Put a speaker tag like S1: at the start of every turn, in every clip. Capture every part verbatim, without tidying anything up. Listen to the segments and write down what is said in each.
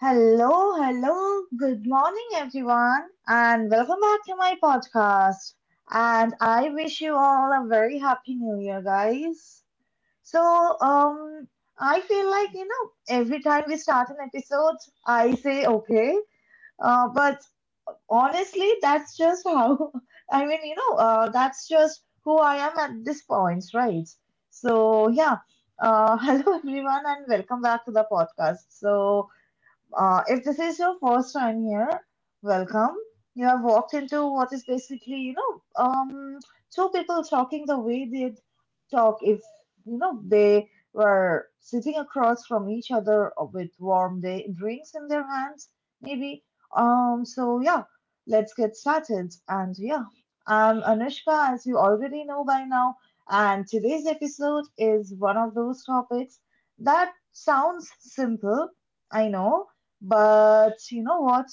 S1: Hello, hello, good morning everyone, and welcome back to my podcast. And I wish you all a very happy new year, guys. So, um, I feel like you know, every time we start an episode, I say okay, uh, but honestly, that's just how I mean, you know, uh, that's just who I am at this point, right? So, yeah, uh, hello everyone, and welcome back to the podcast. So, uh, if this is your first time here, welcome. You have walked into what is basically, you know, um, two people talking the way they'd talk if, you know, they were sitting across from each other with warm day drinks in their hands, maybe. Um, so yeah, let's get started. And yeah, I'm Anushka, as you already know by now, and today's episode is one of those topics that sounds simple. I know, but you know what?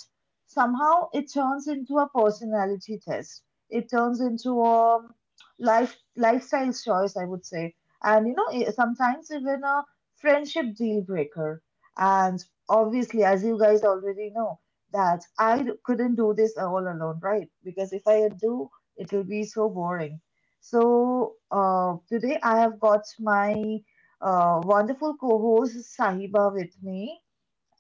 S1: Somehow it turns into a personality test. It turns into a um, life lifestyle choice, I would say. And you know, i- sometimes even a friendship deal breaker. And obviously, as you guys already know, that I d- couldn't do this all alone, right? Because if I do, it will be so boring. So uh, today I have got my uh, wonderful co-host Sahiba with me.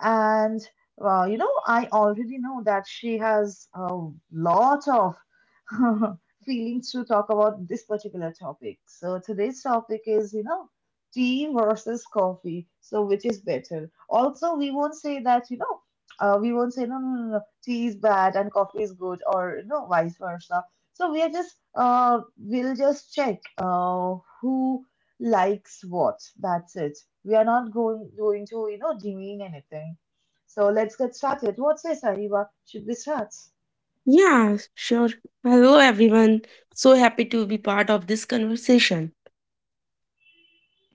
S1: And well, you know, I already know that she has a lot of feelings to talk about this particular topic. So today's topic is, you know, tea versus coffee. So which is better? Also, we won't say that, you know, uh, we won't say no, no, no, no, tea is bad and coffee is good, or you know, vice versa. So we are just, uh, we'll just check uh, who likes what. That's it. We are not going going to, you know, demean anything. So let's get started. What says Hariva? Should we start?
S2: Yeah, sure. Hello, everyone. So happy to be part of this conversation.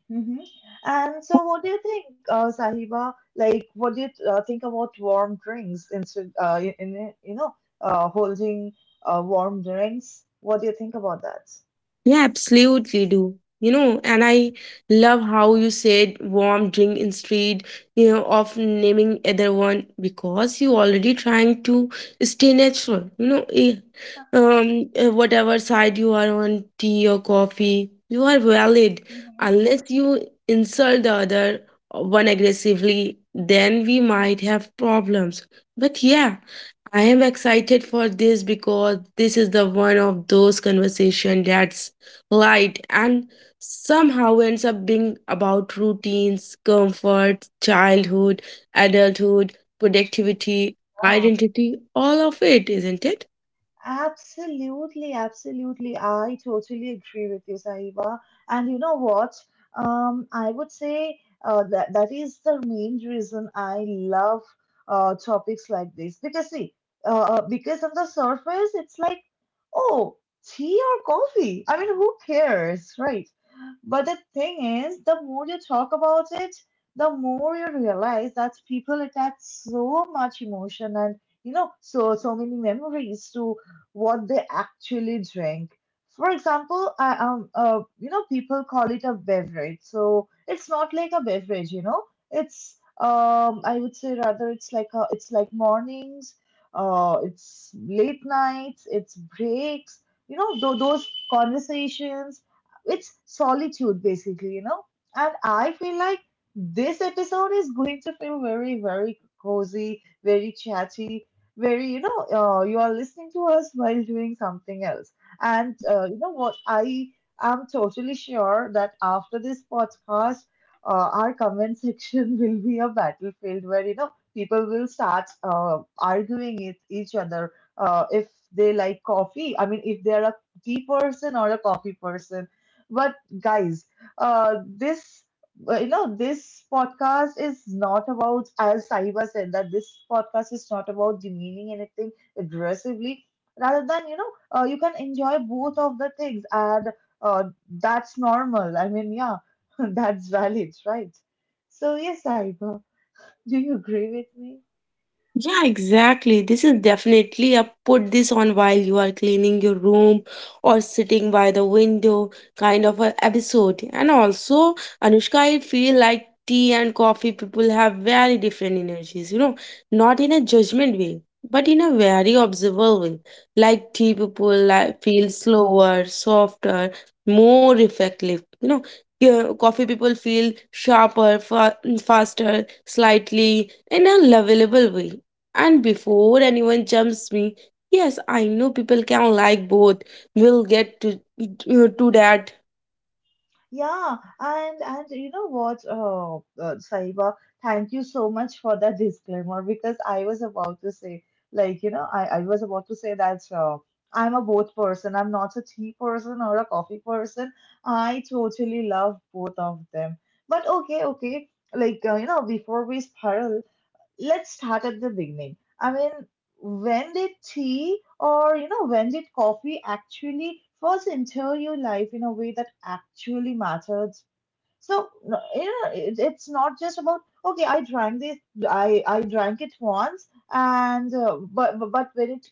S1: Hmm. And so, what do you think, uh, Sahiba? Like, what do you uh, think about warm drinks instead, uh, in, in- it- you know, uh, holding uh, warm drinks? What do you think about that?
S2: Yeah, absolutely do. You know, and I love how you said warm drink instead, you know, of naming other one because you already trying to stay natural. You know, eh, um, eh, whatever side you are on, tea or coffee, you are valid
S1: Mhm.
S2: unless you insult the other one aggressively. Then we might have problems. But yeah, I am excited for this because this is the one of those conversation that's light and somehow ends up being about routines, comfort, childhood, adulthood, productivity,
S1: Yeah.
S2: identity, all of it, isn't it?
S1: Absolutely, absolutely. I totally agree with you, Sahiba. And you know what? Um, I would say uh, that that is the main reason I love uh, topics like this because see, uh, uh, because on the surface it's like, oh, tea or coffee. I mean, who cares, right? But the thing is, the more you talk about it, the more you realize that people attach so much emotion and you know so so many memories to what they actually drink. For example, I um uh you know people call it a beverage, so it's not like a beverage, you know. It's um I would say rather it's like a it's like mornings, uh it's late nights, it's breaks, you know, th- those conversations. It's solitude basically, you know. And I feel like this episode is going to feel very, very cozy, very chatty, where you know uh, you are listening to us while doing something else and uh, you know what I am totally sure that after this podcast uh, our comment section will be a battlefield where you know people will start uh, arguing with each other uh, if they like coffee I mean if they are a tea person or a coffee person but guys uh, this but, you know, this podcast is not about, as Sahiba said, that this podcast is not about demeaning anything aggressively. Rather than, you know, uh, you can enjoy both of the things, and uh, that's normal. I mean, yeah, that's valid, right? So, yes, Sahiba, do you agree with me?
S2: Yeah, exactly. This is definitely a put this on while you are cleaning your room or sitting by the window kind of a episode. And also, Anushka, I feel like tea and coffee people have very different energies, you know, not in a judgment way, but in a very observable way. Like tea people like, feel slower, softer, more reflective, you know. Yeah, coffee people feel sharper, fa- faster, slightly in a lovable way, and before anyone jumps me, yes, I know people can like both. We'll get to to that.
S1: Yeah, and and you know what, uh, uh, Saiba, thank you so much for that disclaimer because I was about to say, like, you know, I, I was about to say that uh, I'm a both person. I'm not a tea person or a coffee person. I totally love both of them. But okay, okay, like, uh, you know, before we spiral, let's start at the beginning. I mean, when did tea or, you know, when did coffee actually first enter your life in a way that actually matters? So, no- you know, it, it's not just about, okay, I drank this, I, I drank it once, and, uh, but, but when it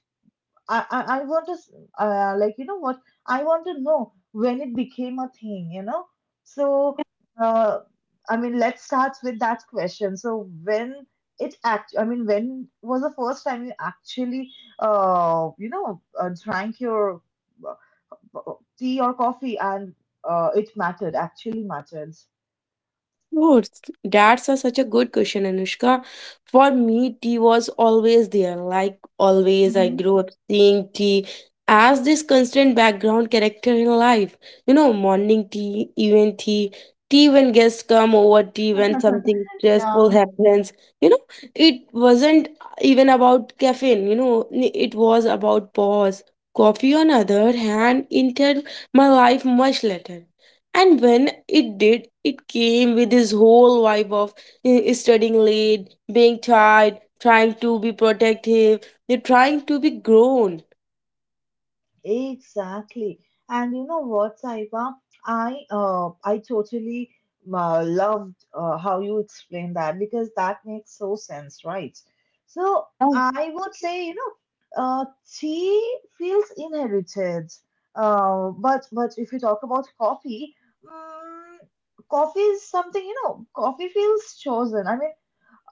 S1: I, I, I want to, s- uh, like, you know what? I want to know when it became a thing, you know? So, uh, I mean, let's start with that question. So, when it act, I mean, when was the first time you actually, uh, you know, uh, drank your uh, tea or coffee and uh, it mattered, actually mattered?
S2: Roots. That's a, such a good question, Anushka. For me, tea was always there. Like always, I
S1: Hmm.
S2: grew up seeing tea as this constant background character in life. You know, morning tea, evening tea, tea when guests come over, tea when something stressful happens. You know, it wasn't even about caffeine. You know, n- it was about pause. Coffee, on other hand, entered my life much later. And when it did, it came with this whole vibe of eh, eh, studying late, being tired, trying to be protective, you're trying to be grown.
S1: Exactly. And you know what, Saiba? I uh, I totally uh, loved uh, how you explained that because that makes so sense, right? So
S2: Yeah.
S1: I would say, you know, uh, tea feels inherited. Uh, but but if you talk about coffee, mm, coffee is something, you know, coffee feels chosen. I mean,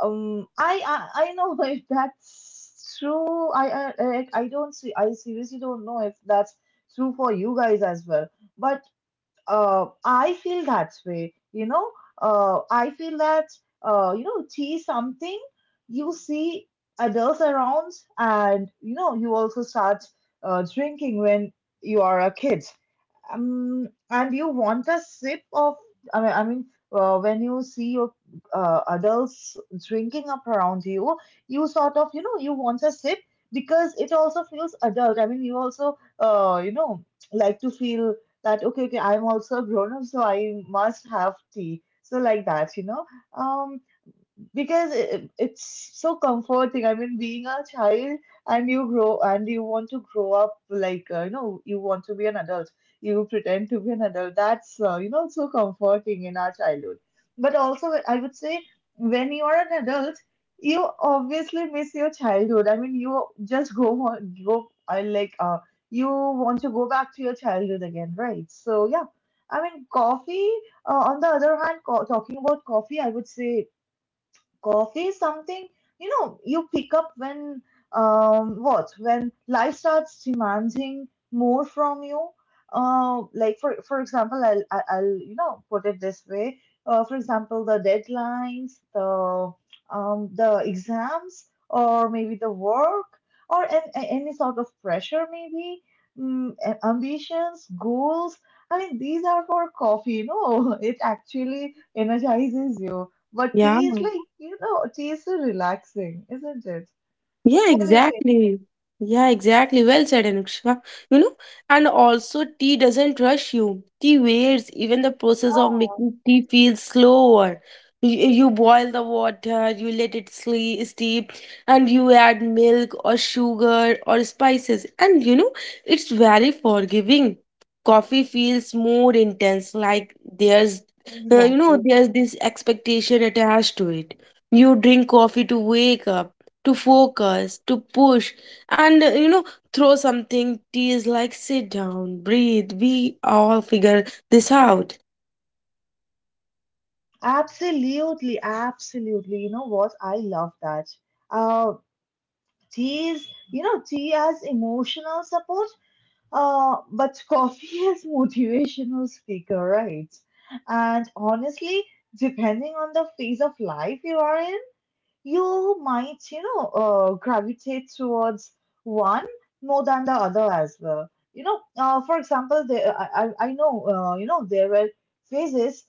S1: um, I, I I know if that's true. I I I I don't see. I seriously don't know if that's true for you guys as well. But uh, I feel that way. You know, uh, I feel that uh, you know, tea is something you see adults around, and you know, you also start uh, drinking when you are a kid. Um, and you want a sip of, I mean, I mean uh, when you see your uh, adults drinking up around you, you sort of, you know, you want a sip because it also feels adult. I mean, you also, uh, you know, like to feel that, okay, okay, I'm also a grown up, so I must have tea. So, like that, you know. Um, because it, it's so comforting I mean being a child and you grow and you want to grow up like uh, you know you want to be an adult you pretend to be an adult that's uh, you know so comforting in our childhood but also I would say when you are an adult you obviously miss your childhood I mean you just go on go I like uh, you want to go back to your childhood again right so yeah I mean coffee uh, on the other hand, co- talking about coffee, I would say coffee is something, you know, you pick up when, um, what, when life starts demanding more from you. Uh, like for for example, I'll I- I'll you know put it this way. Uh, for example, the deadlines, the um, the exams, or maybe the work, or an- a- any sort of pressure, maybe mm, a- ambitions, goals. I mean, these are for coffee. You know, it actually energizes you but
S2: Yeah.
S1: tea is like, you know, tea is so relaxing, isn't it?
S2: Yeah,
S1: What is not it.
S2: exactly. Yeah, exactly. Well said, Anushka. You know, and also tea doesn't rush you. Tea waits. Even the process of making tea feels slower. You, you boil the water, you let it sleep, steep, and you add milk or sugar or spices. And you know, it's very forgiving. Coffee feels more intense, like there's,
S1: What do you say?
S2: uh, you know,
S1: Exactly.
S2: there's this expectation attached to it. You drink coffee to wake up to focus, to push, and uh, you know, throw something tease like sit down, breathe, we all figure this out.
S1: Absolutely, absolutely. You know what? I love that. Uh, tea is, you know, tea as emotional support, uh, but coffee as motivational speaker, right? And honestly, depending on the phase of life you are in, you might, you know, uh, gravitate towards one more than the other as well. You know, uh, for example, there, I, I I know, uh, you know, there were phases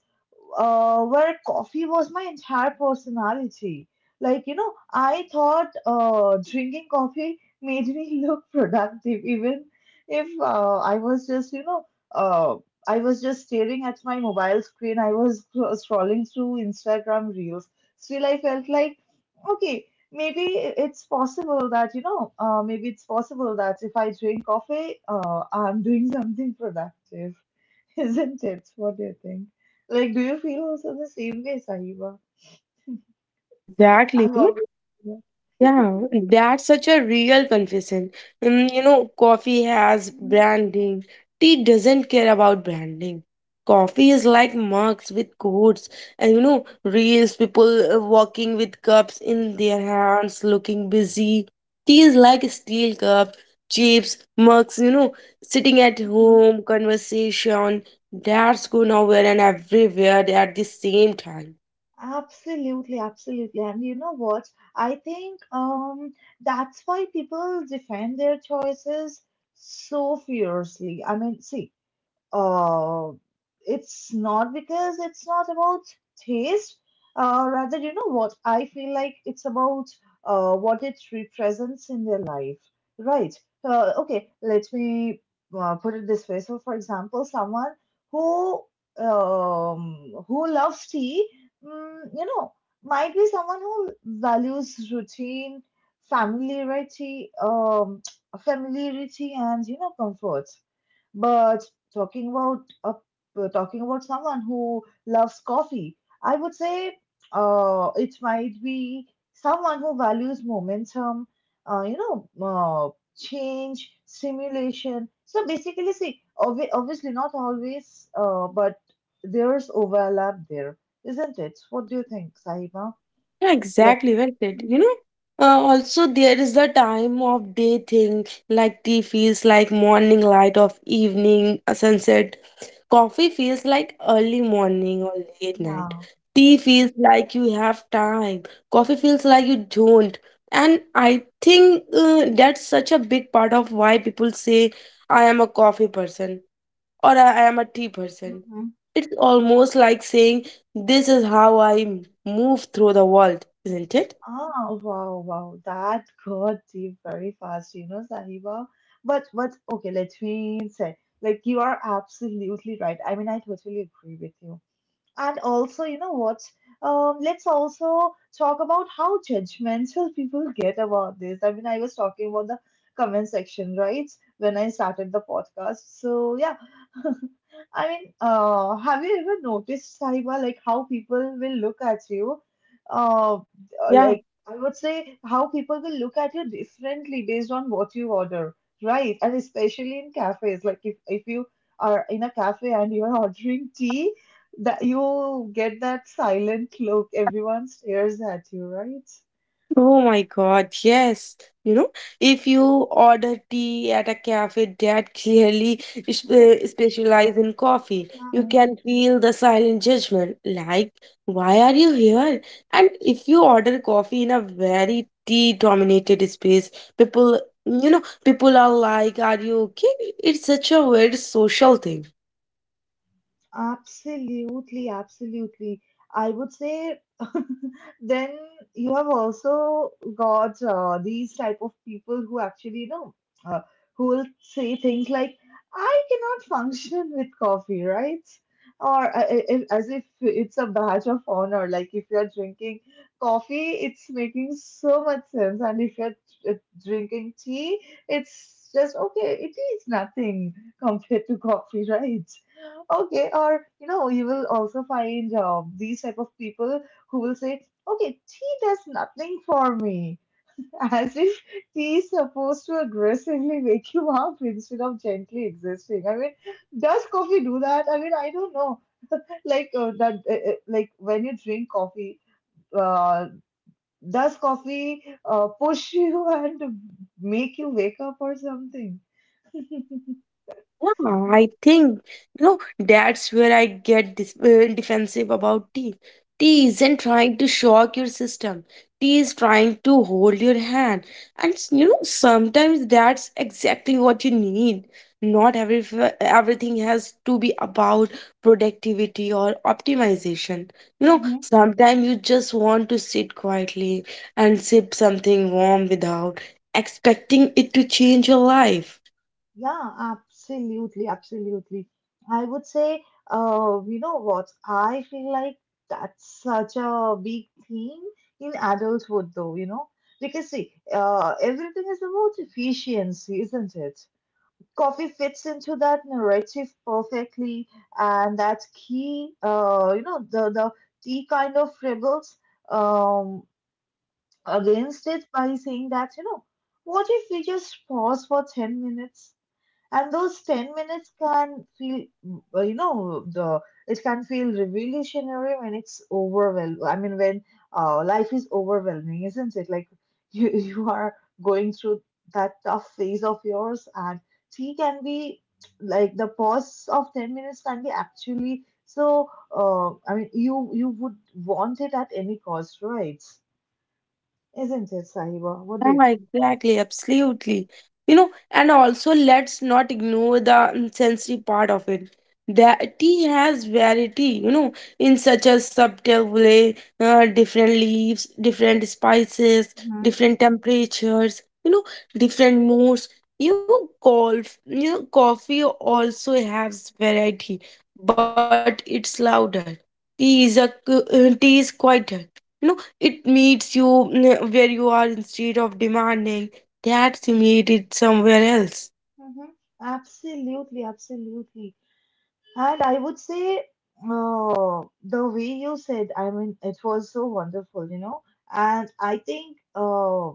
S1: uh, where coffee was my entire personality. Like, you know, I thought uh, drinking coffee made me look productive, even if uh, I was just, you know, uh, I was just staring at my mobile screen. I was scro- scrolling through Instagram reels. Still, I felt like okay, maybe it's possible that, you know, uh, maybe it's possible that if I drink coffee, uh, I'm doing something productive, isn't it? What do you think? Like, do you feel also the same way, Sahiba?
S2: Yeah, exactly.
S1: I'm always.
S2: Yeah, that's such a real confession. Um, you know, coffee has
S1: Mhm,
S2: branding. Tea doesn't care about branding. Coffee is like mugs with codes, and you know, reels people uh, walking with cups in their hands, looking busy. Tea is like steel cups, chips, mugs. You know, sitting at
S1: mhm.
S2: home, conversation. That's go nowhere and everywhere at the same time.
S1: Absolutely, absolutely. And you know what? I think um that's why people defend their choices so fiercely. I mean, see, uh, it's not because it's not about taste. Uh, rather, you know what? I feel like it's about uh, what it represents in their life, right? Uh, okay, let me uh, put it this way. So, for example, someone who um, who loves tea, mm, you know, might be someone who values routine, familiarity, um, familiarity, and you know, comfort. But talking about a uh, talking about someone who loves coffee, I would say uh, it might be someone who values momentum, uh, you know, uh, change, stimulation. So basically, see, obvi- obviously not always, uh, but there's overlap there, isn't it? What do you think, Sahiba?
S2: Yeah,
S1: Like,
S2: exactly. Well said. You
S1: mhm,
S2: know, uh, also there is the time of day thing. Like tea feels like morning light of evening, a sunset. Coffee feels like early morning or late night.
S1: yeah.
S2: Tea feels like you have time. Coffee feels like you don't. And I think uh, that's such a big part of why people say I am a coffee person or I am a tea person. It's almost like saying, this is how I move through the world, isn't it?
S1: Ah, wow, wow. That got deep very fast, you know, Sahiba. But but okay, let me say, like you are absolutely right. I mean, I totally agree with you. And also, you know what? Um, let's also talk about how judgmental people get about this. I mean, I was talking about the comment section, right? When I started the podcast. So, yeah. I mean, uh, have you ever noticed, Saiba, like how people will look at you? Uh,
S2: Yeah,
S1: like, I would say how people will look at you differently based on what you order, right? And especially in cafes, like if, if you are in a cafe and you are ordering tea, that you get that silent look, everyone stares at you, right?
S2: oh my God, yes. You know, if you order tea at a cafe that clearly is- uh, specialize in coffee, you can feel the silent judgment, like, why are you here? And if you order coffee in a very tea-dominated space, people, you know, people are like, are you okay? It's such a weird social thing.
S1: Absolutely, absolutely. I would say, then you have also got uh, these type of people who actually, you know, uh, who will say things like, "I cannot function with coffee," right? Or uh, uh, as if it's a badge of honor. Like if you're drinking coffee, it's making so much sense, and if you're uh, drinking tea, it's just okay. It is nothing compared to coffee, right? Okay, or you know you will also find um, these type of people who will say, okay, tea does nothing for me, as if tea is supposed to aggressively wake you up instead of gently existing. I mean, does coffee do that? I mean, I don't know. Like uh, that uh, uh, like when you drink coffee, uh, does coffee uh, push you and make you wake up or something?
S2: Yeah, I think you know that's where I get dis- uh, defensive about tea. Tea isn't trying to shock your system. Tea is trying to hold your hand, and s- you know sometimes that's exactly what you need. Not every uh, everything has to be about productivity or optimization. You know sometimes you just want to sit quietly and sip something warm without expecting it to change your life.
S1: Yeah, absolutely, absolutely. I would say, uh, you know what? I feel like that's such a big theme in adulthood, though, you know? Because, see, uh, everything is about efficiency, isn't it? Coffee fits into that narrative perfectly, and that key, uh, you know, the, the tea kind of rebels um, against it by saying that, you know, what if we just pause for ten minutes? And those ten minutes can feel, uh, you know the it can feel revolutionary when it's overwhelmed. I mean, when uh, life is overwhelming, isn't it? Like you you are going through that tough phase of yours, and tea can be, like the pause of ten minutes can be actually so, uh, I mean, you you would want it at any cost, right? Isn't it, Sahiba? What do you—
S2: Yeah, exactly, absolutely. You know, and also let's not ignore the sensory part of it. That tea has variety, you know, in such a subtle way, uh, different leaves, different spices,
S1: Hmm.
S2: different temperatures, you know, different moods. You golf, you know, coffee also has variety, but it's louder. Tea is a uh, tea is quieter. You know, it meets you mm, where you are instead of demanding that you meet it somewhere else.
S1: Hmm. Absolutely, absolutely. And I would say, uh, the way you said, I mean, it was so wonderful, you know. And I think uh,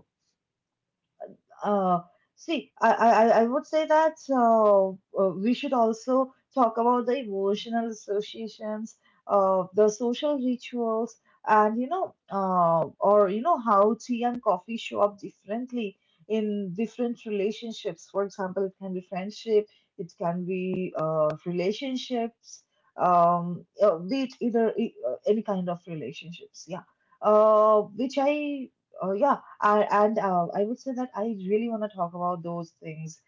S1: uh, see, I, I, I I would say that uh, uh, we should also talk about the emotional associations, uh, the social rituals, and you know, uh, or you know, how tea and coffee show up differently in different relationships. For example, it can be friendship, it can be uh, relationships, um, uh, be it either e, uh, any kind of relationships. Yeah, uh, which I, uh, yeah I, and uh, I would say that I really want to talk about those things,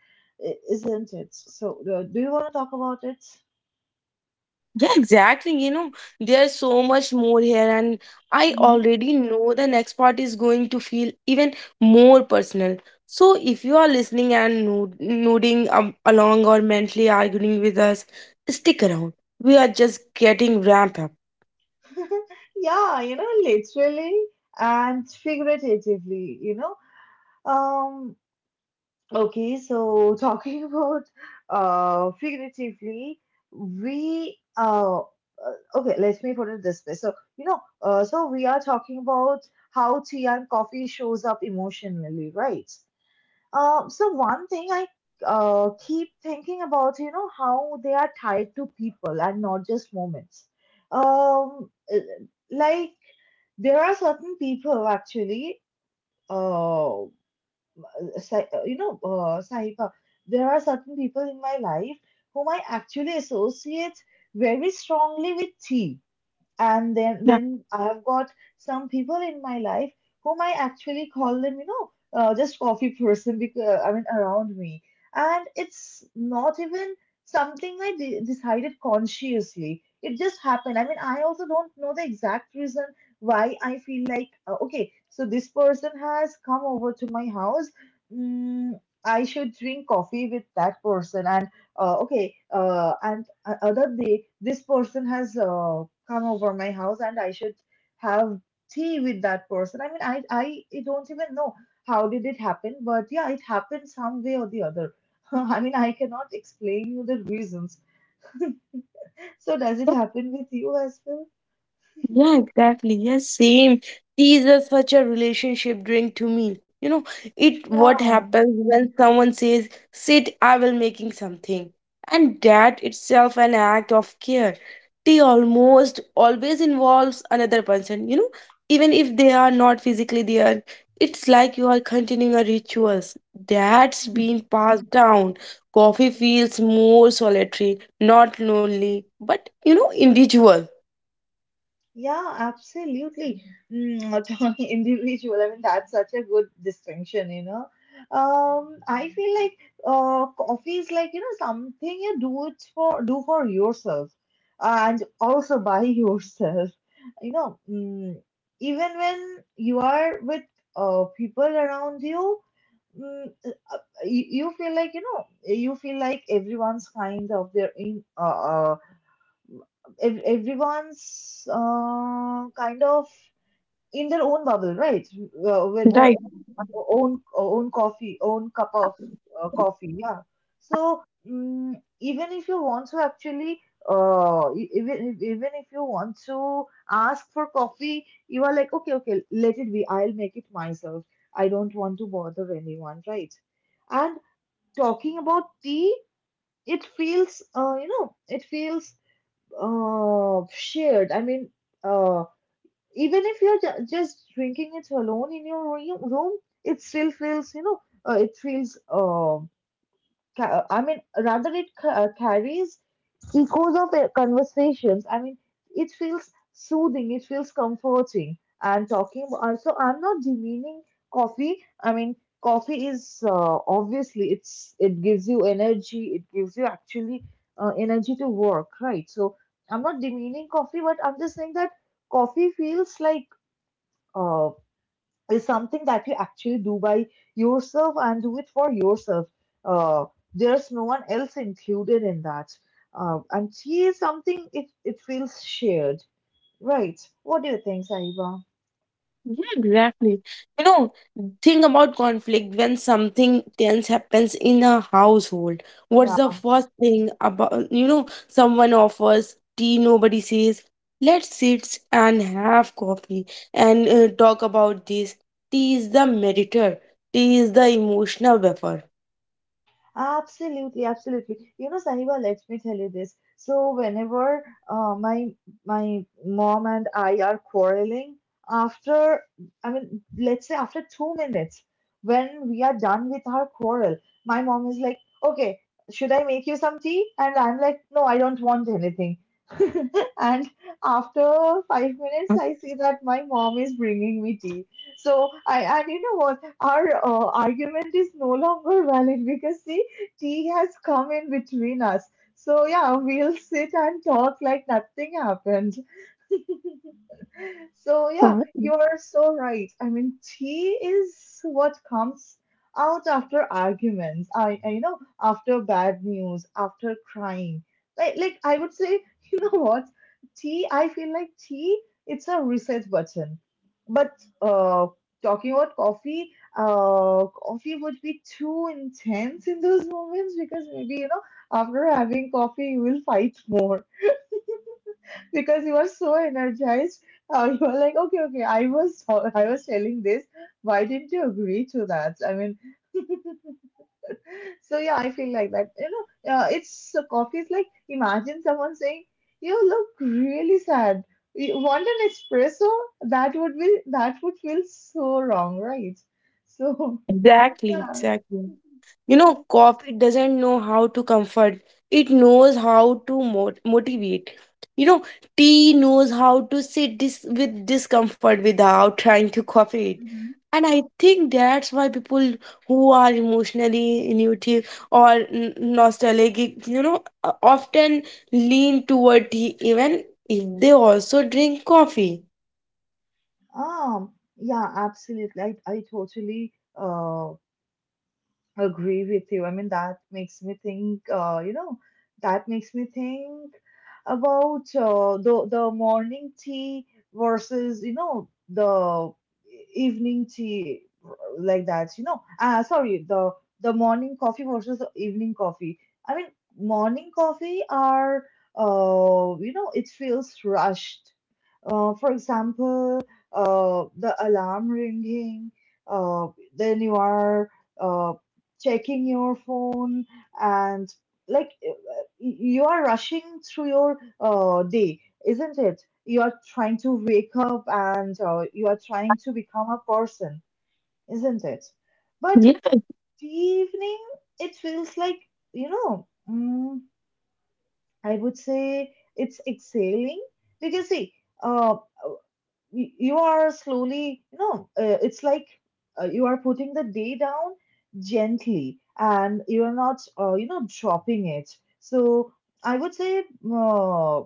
S1: i- isn't it? So, uh, do you want to talk about it?
S2: Yeah, exactly. You know, there's so much more here, and I
S1: Mhm.
S2: already know the next part is going to feel even more personal. So, if you are listening and no- nodding um, along or mentally arguing with us, stick around. We are just getting ramped up.
S1: Yeah, you know, literally and figuratively, you know. Um, okay, so talking about, uh, figuratively, we uh uh, okay, let me put it this way. So, you know, uh, so we are talking about how tea and coffee shows up emotionally, right? Uh, so one thing I uh, keep thinking about, you know, how they are tied to people and not just moments. Um, uh, like there are certain people actually, uh, Sai- uh, you know, uh, Sahiba, there are certain people in my life whom I actually associate very strongly with tea, and then
S2: Yeah.
S1: then I have got some people in my life whom I actually call them, you know, uh, just coffee person, because I mean around me, and it's not even something I de- decided consciously. It just happened. I mean, I also don't know the exact reason why I feel like, uh, okay, so this person has come over to my house. Mm, I should drink coffee with that person, and uh, okay, uh, and uh, other day this person has uh, come over my house and I should have tea with that person. I mean, I, I, I don't even know how did it happen, but yeah, it happened some way or the other. I mean, I cannot explain you the reasons. So does it happen with you as well?
S2: Yeah, exactly. Yes, same. These are such a relationship drink to me. You know, it what
S1: Yeah.
S2: happens when someone says, "Sit, I will making something," and that itself an act of care. Tea almost always involves another person. You know, even if they are not physically there, it's like you are continuing a rituals that's been passed down. Coffee feels more solitary, not lonely, but you know, individual.
S1: Yeah, absolutely. Mm, to individual. I mean, that's such a good distinction, you know. Um, I feel like, uh, coffee is like, you know, something you do it for do for yourself, and also by yourself. You know, mm, even when you are with uh, people around you, mm, uh, uh, you, you feel like, you know, you feel like everyone's kind of their in uh, uh, ev- everyone's uh, kind of in their own bubble, right? Uh, with their o- own own coffee, own cup of uh, coffee, yeah. So, mm, even if you want to actually, uh, e- even even if you want to ask for coffee, you are like, okay, okay, let it be. I'll make it myself. I don't want to bother anyone, right? And talking about tea, it feels, uh, you know, it feels uh, shared. I mean, uh, even if you're ju- just drinking it alone in your room, room, it still feels, you know, uh, it feels, um ca- I mean, rather it ca- uh, carries echoes of uh, conversations. I mean, it feels soothing, it feels comforting. And talking about, so I'm not demeaning coffee. I mean, coffee is uh, obviously it's, it gives you energy. It gives you actually uh, energy to work, right? So I'm not demeaning coffee, but I'm just saying that coffee feels like, uh, is something that you actually do by yourself and do it for yourself. Uh, there's no one else included in that. Uh, and tea is something, it, it feels shared, right? What do you think, Saiba?
S2: Yeah, exactly. You know, think about conflict when something tense happens in a household. What's the
S1: Yeah.
S2: first thing about, you know, someone offers tea, nobody says, let's sit and have coffee and uh, talk about this. Tea is the mediator, tea is the emotional buffer.
S1: Absolutely, absolutely. You know, Sahiba, let me tell you this. So whenever, uh, my my mom and I are quarreling, after, I mean, let's say after two minutes, when we are done with our quarrel, my mom is like, "Okay, should I make you some tea?" And I'm like, "No, I don't want anything." And after five minutes, I see that my mom is bringing me tea. So I, and you know what? Our uh, argument is no longer valid, because see tea has come in between us. So yeah, we'll sit and talk like nothing happened. So yeah,
S2: Uh,
S1: you're so right. I mean, tea is what comes out after arguments. I, I You know, after bad news, after crying. Like like I would say, you know what? Tea. I feel like tea. It's a reset button. But uh, talking about coffee, uh, coffee would be too intense in those moments, because maybe you know after having coffee you will fight more because you are so energized. Uh, you are like, okay, okay, I was I was telling this. Why didn't you agree to that? I mean, so yeah, I feel like that. You know, uh, it's so coffee is like imagine someone saying, "You look really sad. You want an espresso?" That would be that would feel so wrong, right? So
S2: Exactly,
S1: yeah.
S2: exactly. You know, coffee doesn't know how to comfort. It knows how to mot- motivate. You know, tea knows how to sit dis- with discomfort without trying to copy it.
S1: Mhm.
S2: And I think that's why people who are emotionally intuitive or n- nostalgic, you know, uh, often lean toward tea even if they also drink coffee.
S1: Um, yeah, absolutely. I, I totally uh agree with you. I mean, that makes me think, uh, you know, that makes me think about uh, the, the morning tea versus, you know, the evening tea, like that, you know. Uh, sorry, the the morning coffee versus the evening coffee. I mean, morning coffee are, uh, you know, it feels rushed. Uh, for example, uh, the alarm ringing, uh, then you are uh, checking your phone, and like uh, you are rushing through your uh, day, isn't it? You are trying to wake up, and uh, you are trying to become a person, isn't it? But
S2: Yeah.
S1: the evening, it feels like, you know, mm, I would say it's exhaling, because see, uh, y- you are slowly, you know, uh, it's like, uh, you are putting the day down gently, and you are not, uh, you know, dropping it. So I would say, uh,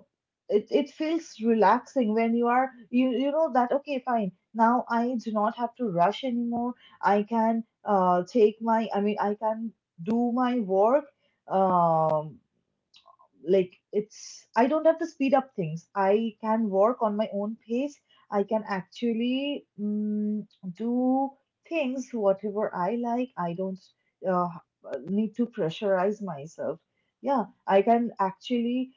S1: it, it feels relaxing, when you are, you you know that okay fine, now I do not have to rush anymore. I can, uh, take my I mean I can do my work. Um, like, it's, I don't have to speed up things, I can work on my own pace. I can actually, mm, do things whatever I like. I don't uh, need to pressurize myself. Yeah, I can actually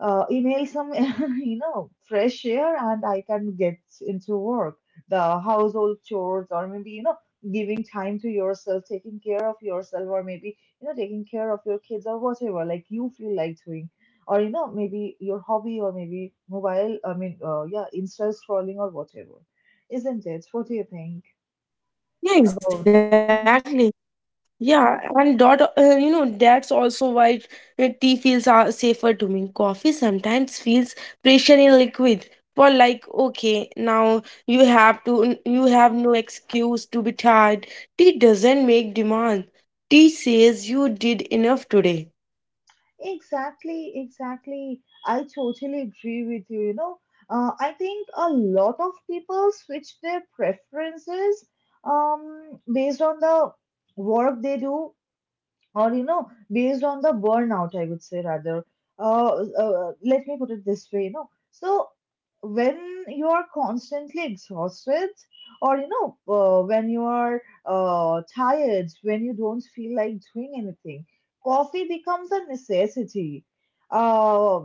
S1: uh, inhale some, you know, fresh air, and I can get into work, the household chores, or maybe, you know, giving time to yourself, taking care of yourself, or maybe, you know, taking care of your kids or whatever, like you feel like doing. Or, you know, maybe your hobby, or maybe mobile, I mean, uh, yeah, Insta scrolling or whatever. Isn't it? What do you think
S2: Yeah,
S1: about?
S2: exactly. Yeah, and dot, uh, you know, that's also why uh, tea feels uh, safer to me. Coffee sometimes feels pressure in liquid. For like, okay, now you have to, you have no excuse to be tired. Tea doesn't make demand. Tea says you did enough today.
S1: Exactly, exactly. I totally agree with you. You know, uh, I think a lot of people switch their preferences um, based on the work they do, or you know, based on the burnout, I would say rather. uh, uh Let me put it this way, you know. So when you are constantly exhausted, or you know, uh, when you are uh, tired, when you don't feel like doing anything, coffee becomes a necessity, uh,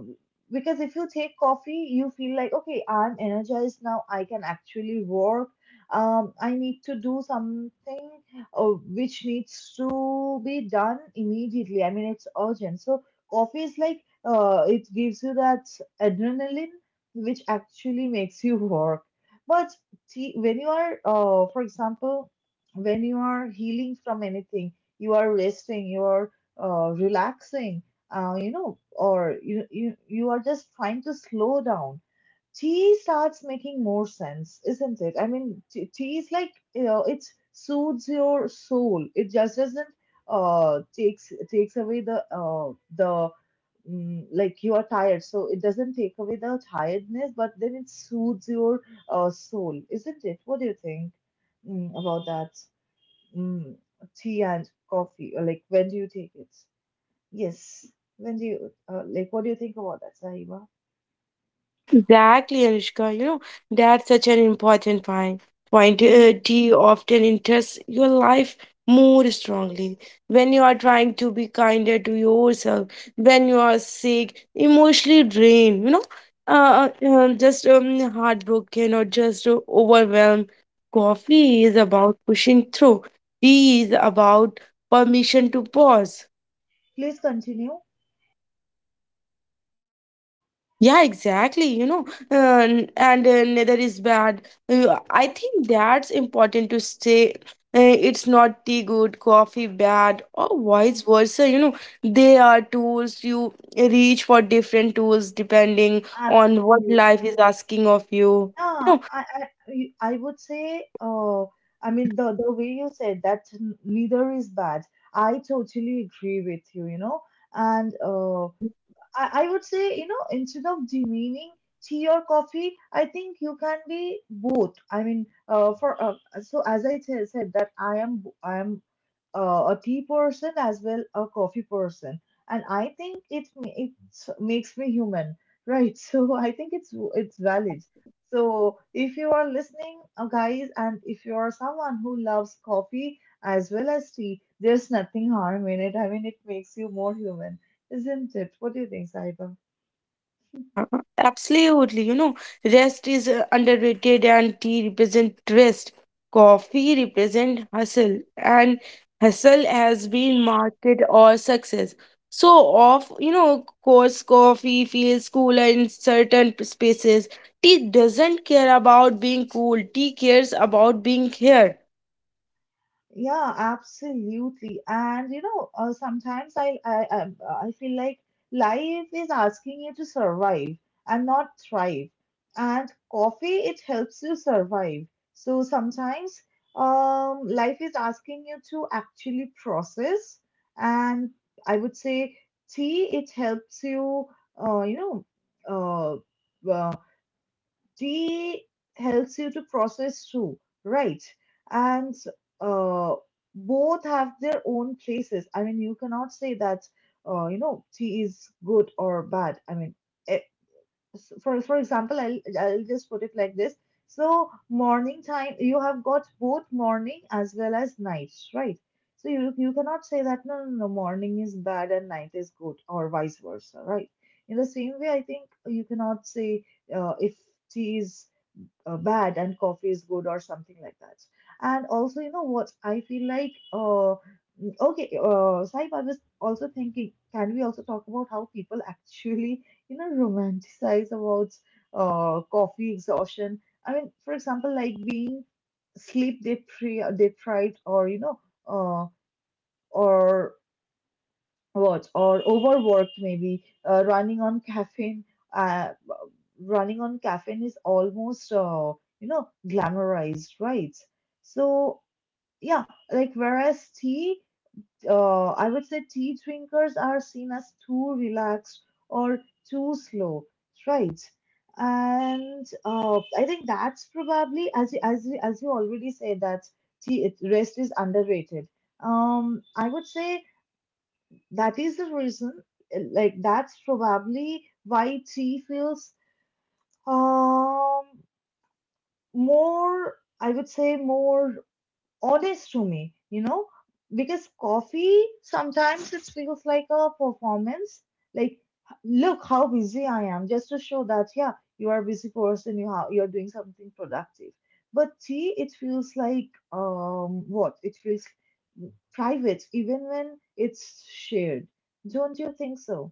S1: because if you take coffee you feel like, okay, I'm energized now, I can actually work. um, I need to do something uh, which needs to be done immediately. I mean, it's urgent. So coffee is like, uh, it gives you that adrenaline, which actually makes you work. But tea, when you are, uh, for example, when you are healing from anything, you are resting, you are uh, relaxing, uh, you know, or you, you you are just trying to slow down, tea starts making more sense, isn't it? I mean, t- tea is like, you know, it soothes your soul. It just doesn't uh takes takes away the uh the mm, like you are tired, so it doesn't take away the tiredness, but then it soothes your uh soul, isn't it? What do you think, mm, about that? Mm, tea and coffee, or like, when do you take it? Yes, when do you uh, like, what do you think about that, Sahiba?
S2: Exactly, Anushka. You know, that's such an important point. Point
S1: Mhm.
S2: uh, T often interests your life more strongly. When you are trying to be kinder to yourself, when you are sick, emotionally drained, you know, uh, uh, um, just um, heartbroken or just uh, overwhelmed. Coffee is about pushing through. Tea is about permission to pause.
S1: Please continue.
S2: Yeah, exactly. You know, uh, n- and uh, Neither is bad. Uh, I think that's important to say. Uh, it's not tea good, coffee bad, or vice versa. You know, they are tools. You reach for different tools depending on what
S1: Absolutely.
S2: life is asking of you. You
S1: Yeah,
S2: know,
S1: I, I, I would say, uh, I mean, the, the way you said that n- neither is bad. I totally agree with you, you know. And uh,
S2: ah,
S1: I, I would say, you know, instead of demeaning tea or coffee, I think you can be both. I mean, uh, for uh, so as I t said, that I am, bo- I am uh, a tea person as well a coffee person, and I think it ma- it makes me human, right? So I think it's it's
S2: yeah.
S1: valid. So if you are listening, uh, guys, and if you are someone who loves coffee as well as tea, there's nothing harm in it. I mean, it makes you more human, isn't it? What do you think, Saiba?
S2: Yeah, absolutely. You know, rest is uh, underrated and tea represent rest. Coffee represent hustle and hustle has been market or success. So of you know, course coffee feels cooler in certain p- spaces. Tea doesn't care about being cool. Tea cares about being here.
S1: Yeah, absolutely. And you know, uh, sometimes I, I I I feel like life is asking you to survive and not thrive. And coffee, it helps you survive. So sometimes, um, life is asking you to actually process. And I would say tea, it helps you, uh, you know, uh, well, tea helps you to process through, right? And uh, both have their own places. I mean, you cannot say that, uh, you know, tea is good or bad. I mean, eh, s- for for example, I'll I'll just put it like this. So morning time, you have got both morning as well as night, right? So you you cannot say that, no no no, morning is bad and night is good, or vice versa, right? In the same way, I think you cannot say, uh, if tea is uh, bad and coffee is good, or something like that. And also, you know what I feel like? Uh, okay, uh, Saib, I was also thinking, can we also talk about how people actually, you know, romanticize about uh, coffee exhaustion? I mean, for example, like being sleep depri- deprived, or you know, uh, or what or overworked maybe, uh, running on caffeine. uh, Running on caffeine is almost, uh, you know, glamorized, right? So yeah, like, whereas tea, uh, I would say tea drinkers are seen as too relaxed, or too slow, right? And uh, I think that's probably, as you, as you, as you already said, that tea it, rest is underrated. um I would say that is the reason, uh, like that's probably why tea feels um more, I would say, more honest to me, you know. Because coffee sometimes it feels like a performance, like, look how busy I am, just to show that, yeah, you are a busy person, you have, you're doing something productive. But tea, it feels like, um what it feels private even when it's shared. Don't you think so?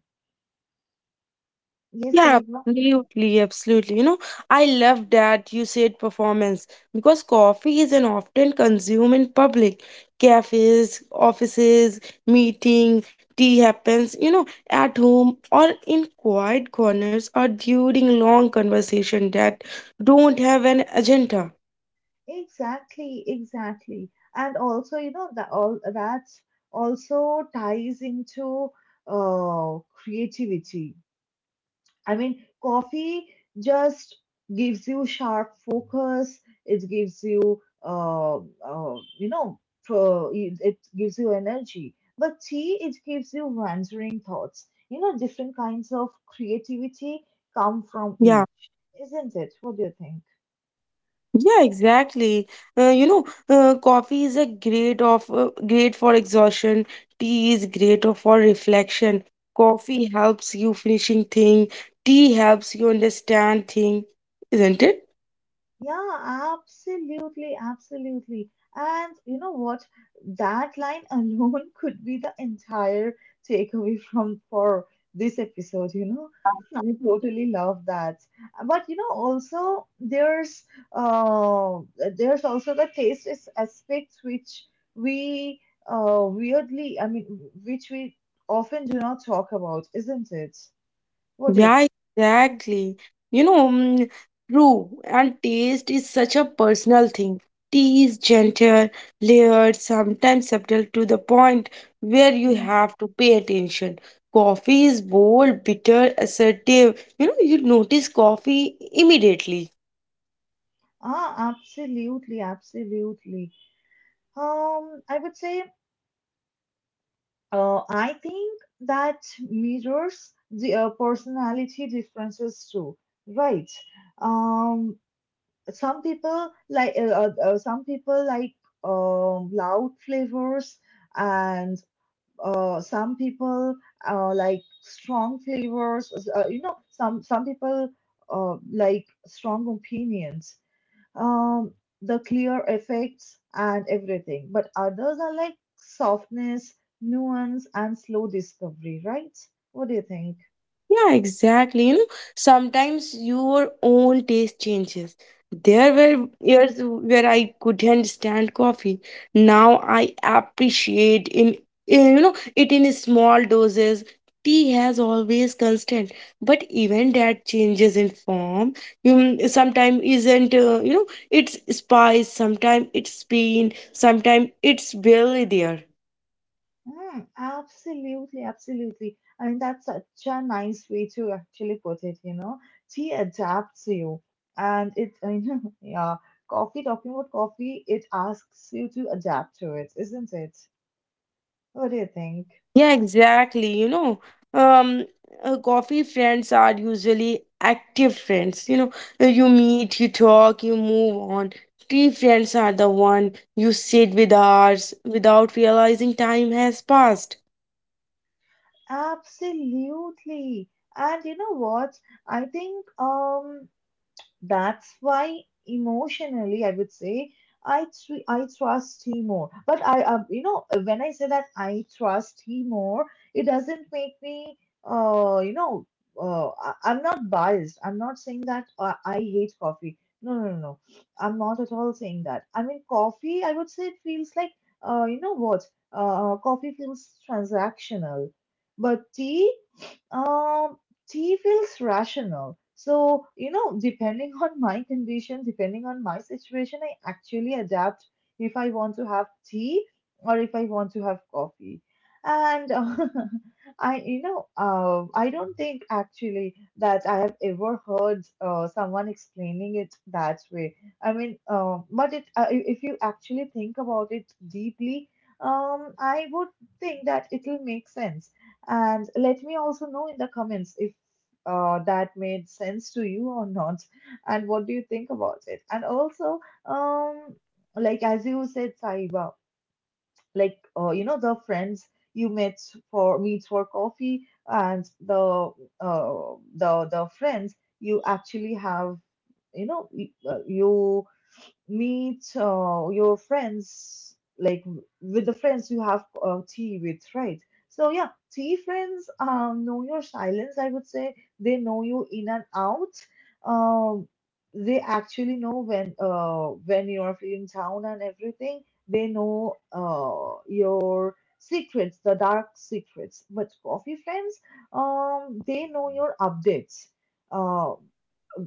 S1: Yes,
S2: Yeah,
S1: I know.
S2: absolutely, absolutely. You know, I love that you said performance because coffee is an often consumed in public. Cafes, offices, meeting, tea happens, you know, at home or in quiet corners or during long conversation that don't have an agenda.
S1: Exactly, exactly. And also, you know, that all that also ties into uh creativity. I mean, coffee just gives you sharp focus, it gives you uh, uh you know, pro, it it gives you energy. But tea, it gives you wandering thoughts. You know, different kinds of creativity come from
S2: Yeah.
S1: each, isn't it? What do you think?
S2: Yeah, exactly. Uh, you know, uh, coffee is a great of uh, great for exhaustion. Tea is great of- for reflection. Coffee helps you finishing thing. Tea helps you understand thing, isn't it?
S1: Yeah, absolutely, absolutely. And you know what? That line alone could be the entire takeaway from for this episode, you know. I totally love that. But you know, also there's uh there's also the taste is aspects which we uh weirdly, I mean, which we often do not talk about, isn't it? What do you
S2: Yeah,
S1: think?
S2: exactly. You know, mm, true. And taste is such a personal thing. Tea is gentle, layered, sometimes subtle to the point where you
S1: Mhm.
S2: have to pay attention. Coffee is bold, bitter, assertive. You know, you notice coffee immediately.
S1: Ah, absolutely, absolutely. Um, I would say, uh, I think that mirrors the uh, personality differences too, right? Um, some people like, uh, uh, uh, some people like um loud flavors, and uh, some people uh, like strong flavors. Uh, you know, some some people uh, like strong opinions, um, the clear effects and everything. But others are like softness, nuance, and slow discovery, right? What do you think?
S2: Yeah, exactly. You know, sometimes your own taste changes. There were
S1: Mhm.
S2: years where I couldn't stand coffee. Now I appreciate in, in you know it in small doses. Tea has always constant, but even that changes in form. You sometimes isn't uh, you know it's spice, sometimes it's pain, sometimes it's barely there.
S1: Mm, absolutely, absolutely. I mean, that's such a nice way to actually put it, you know. Tea adapts you, and it, I mean, yeah, coffee, talking about coffee, it asks you to adapt to it, isn't it? What do you think?
S2: Yeah, exactly. You know, um, uh, Coffee friends are usually active friends. You know, uh, you meet, you talk, you move on. Tea friends are the one you sit with hours without realizing time has passed.
S1: Absolutely. And you know what? I think, um, that's why emotionally, I would say I tr- I trust him more. But I, uh, you know, when I say that I trust him more, it doesn't make me, uh, you know, uh, I- I'm not biased. I'm not saying that uh, I hate coffee. No, no, no, no. I'm not at all saying that. I mean, coffee, I would say it feels like, uh, you know what? Uh, coffee feels transactional, but tea. Um, tea feels rational. So, you know, depending on my condition, depending on my situation, I actually adapt if I want to have tea or if I want to have coffee. And uh, I, you know, uh, I don't think actually that I have ever heard uh, someone explaining it that way. I mean, uh, but it, uh, i- if you actually think about it deeply, um, I would think that it will make sense. And let me also know in the comments if uh, that made sense to you or not, and what do you think about it. And also, um, like as you said, Saiba, like, uh, you know, the friends you met for meet for coffee, and the uh, the the friends you actually have, you know, y- uh, you meet uh, your friends, like w- with the friends you have uh, tea with, right? So yeah, tea friends, um, know your silence, I would say. They know you in and out. um, they actually know when, uh, when you are feeling down and everything. They know uh, your secrets, the dark secrets. But coffee friends, um, they know your updates. uh,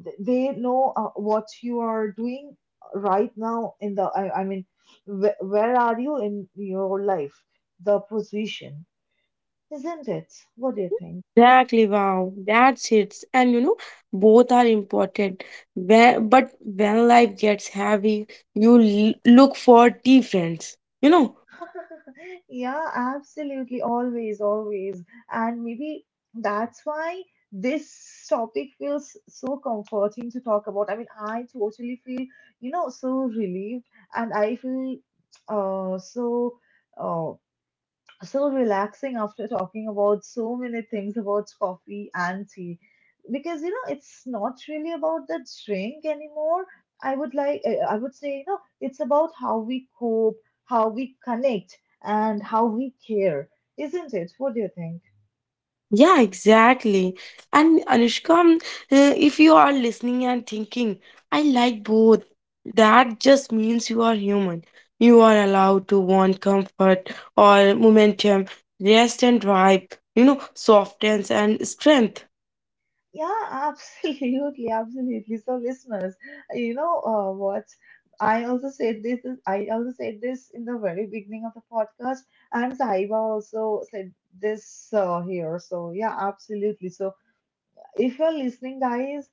S1: th- they know, uh, what you are doing right now in the I, I mean, wh- where are you in your life, the position, isn't it? What do you think?
S2: Exactly. Wow, that's it. And you know, both are important. When, but when life gets heavy, you l- look for tea friends. You know,
S1: Yeah, absolutely. Always, always. And maybe that's why this topic feels so comforting to talk about. I mean, I totally feel, you know, so relieved, and I feel uh, so. uh. so relaxing after talking about so many things about coffee and tea. Because you know it's not really about the drink anymore. i would like i I would say, you know, it's about how we cope, how we connect, and how we care, isn't it? What do you think?
S2: yeah, exactly. And Anushka, um, uh, if you are listening and thinking, I like both, that just means you are human. You are allowed to want comfort or momentum, rest and drive, you know, softness and strength.
S1: Yeah, absolutely, absolutely. So, listeners, you know, uh, what? I also said this. is- I also said this in the very beginning of the podcast, and Sahiba also said this uh, here. So, yeah, absolutely. So, if you're listening, guys,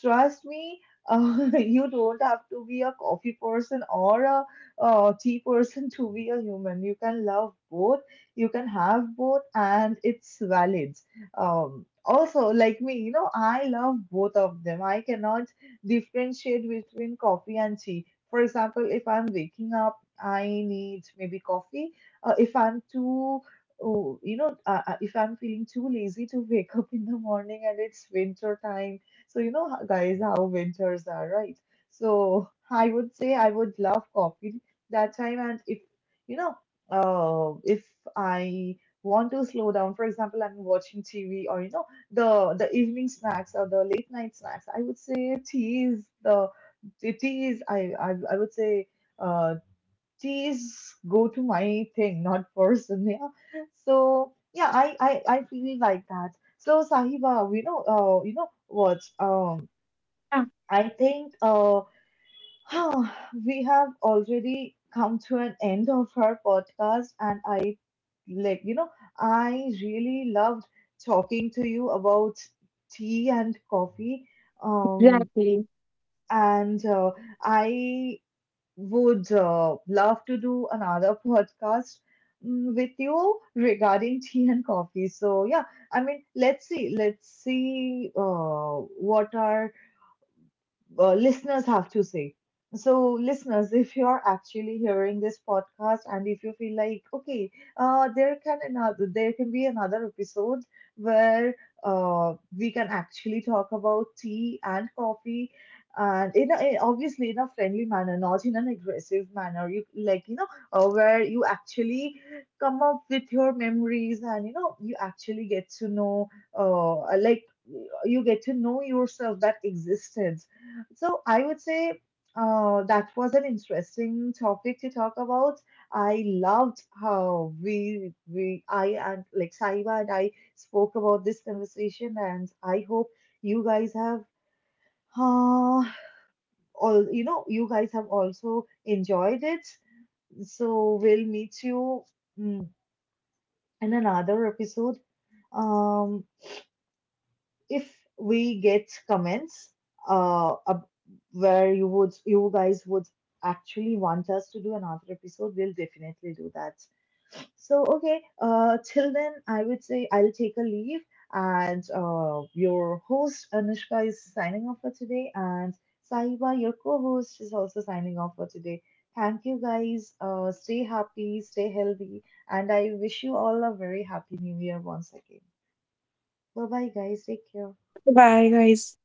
S1: trust me, uh, you don't have to be a coffee person or a uh, tea person to be a human. You can love both, you can have both, and it's valid. Um, also, like me, you know, I love both of them. I cannot differentiate between coffee and tea. For example, if I'm waking up, I need maybe coffee. Uh, if I'm too Oh, you know, uh, uh, if I'm feeling too lazy to wake up in the morning and it's winter time, so you know, ho- guys, how winters are, right? So I would say I would love coffee that time. And if you know, uh, if I want to slow down, for example, I'm watching T V, or you know, the the evening snacks or the late night snacks, I would say tea is the the tea is, I I, I would say. Uh, tea go to my thing, not person. Yeah. So yeah, I I, I feel like that. So Sahiba, we know, uh you know what, um I think uh we have already come to an end of our podcast. And I, like, you know, I really loved talking to you about tea and coffee. Um
S2: Exactly.
S1: and uh, I would uh, love to do another podcast, mm, with you regarding tea and coffee. So yeah, I mean, let's see, let's see, uh, what are uh, listeners have to say. So, listeners, if you're actually hearing this podcast and if you feel like, okay, uh, there can another, there can be another episode where uh, we can actually talk about tea and coffee, and in a, in- obviously in a friendly manner, not in an aggressive manner. You like, you know, uh, where you actually come up with your memories, and you know, you actually get to know, uh, like, you get to know yourself that existed. So I would say, uh, that was an interesting topic to talk about. I loved how we we I and like Saiba and I spoke about this conversation, and I hope you guys have uh, all you know, you guys have also enjoyed it. So we'll meet you, mm, in another episode. Um, if we get comments, uh, ab- where you would you guys would actually want us to do another episode, we'll definitely do that. So okay, uh, till then, I would say, I'll take a leave. And uh, your host Anushka is signing off for today, and Saiba, your co-host, is also signing off for today. Thank you guys, uh, stay happy, stay healthy, and I wish you all a very happy new year once again. Bye bye, guys, take care.
S2: Bye, guys.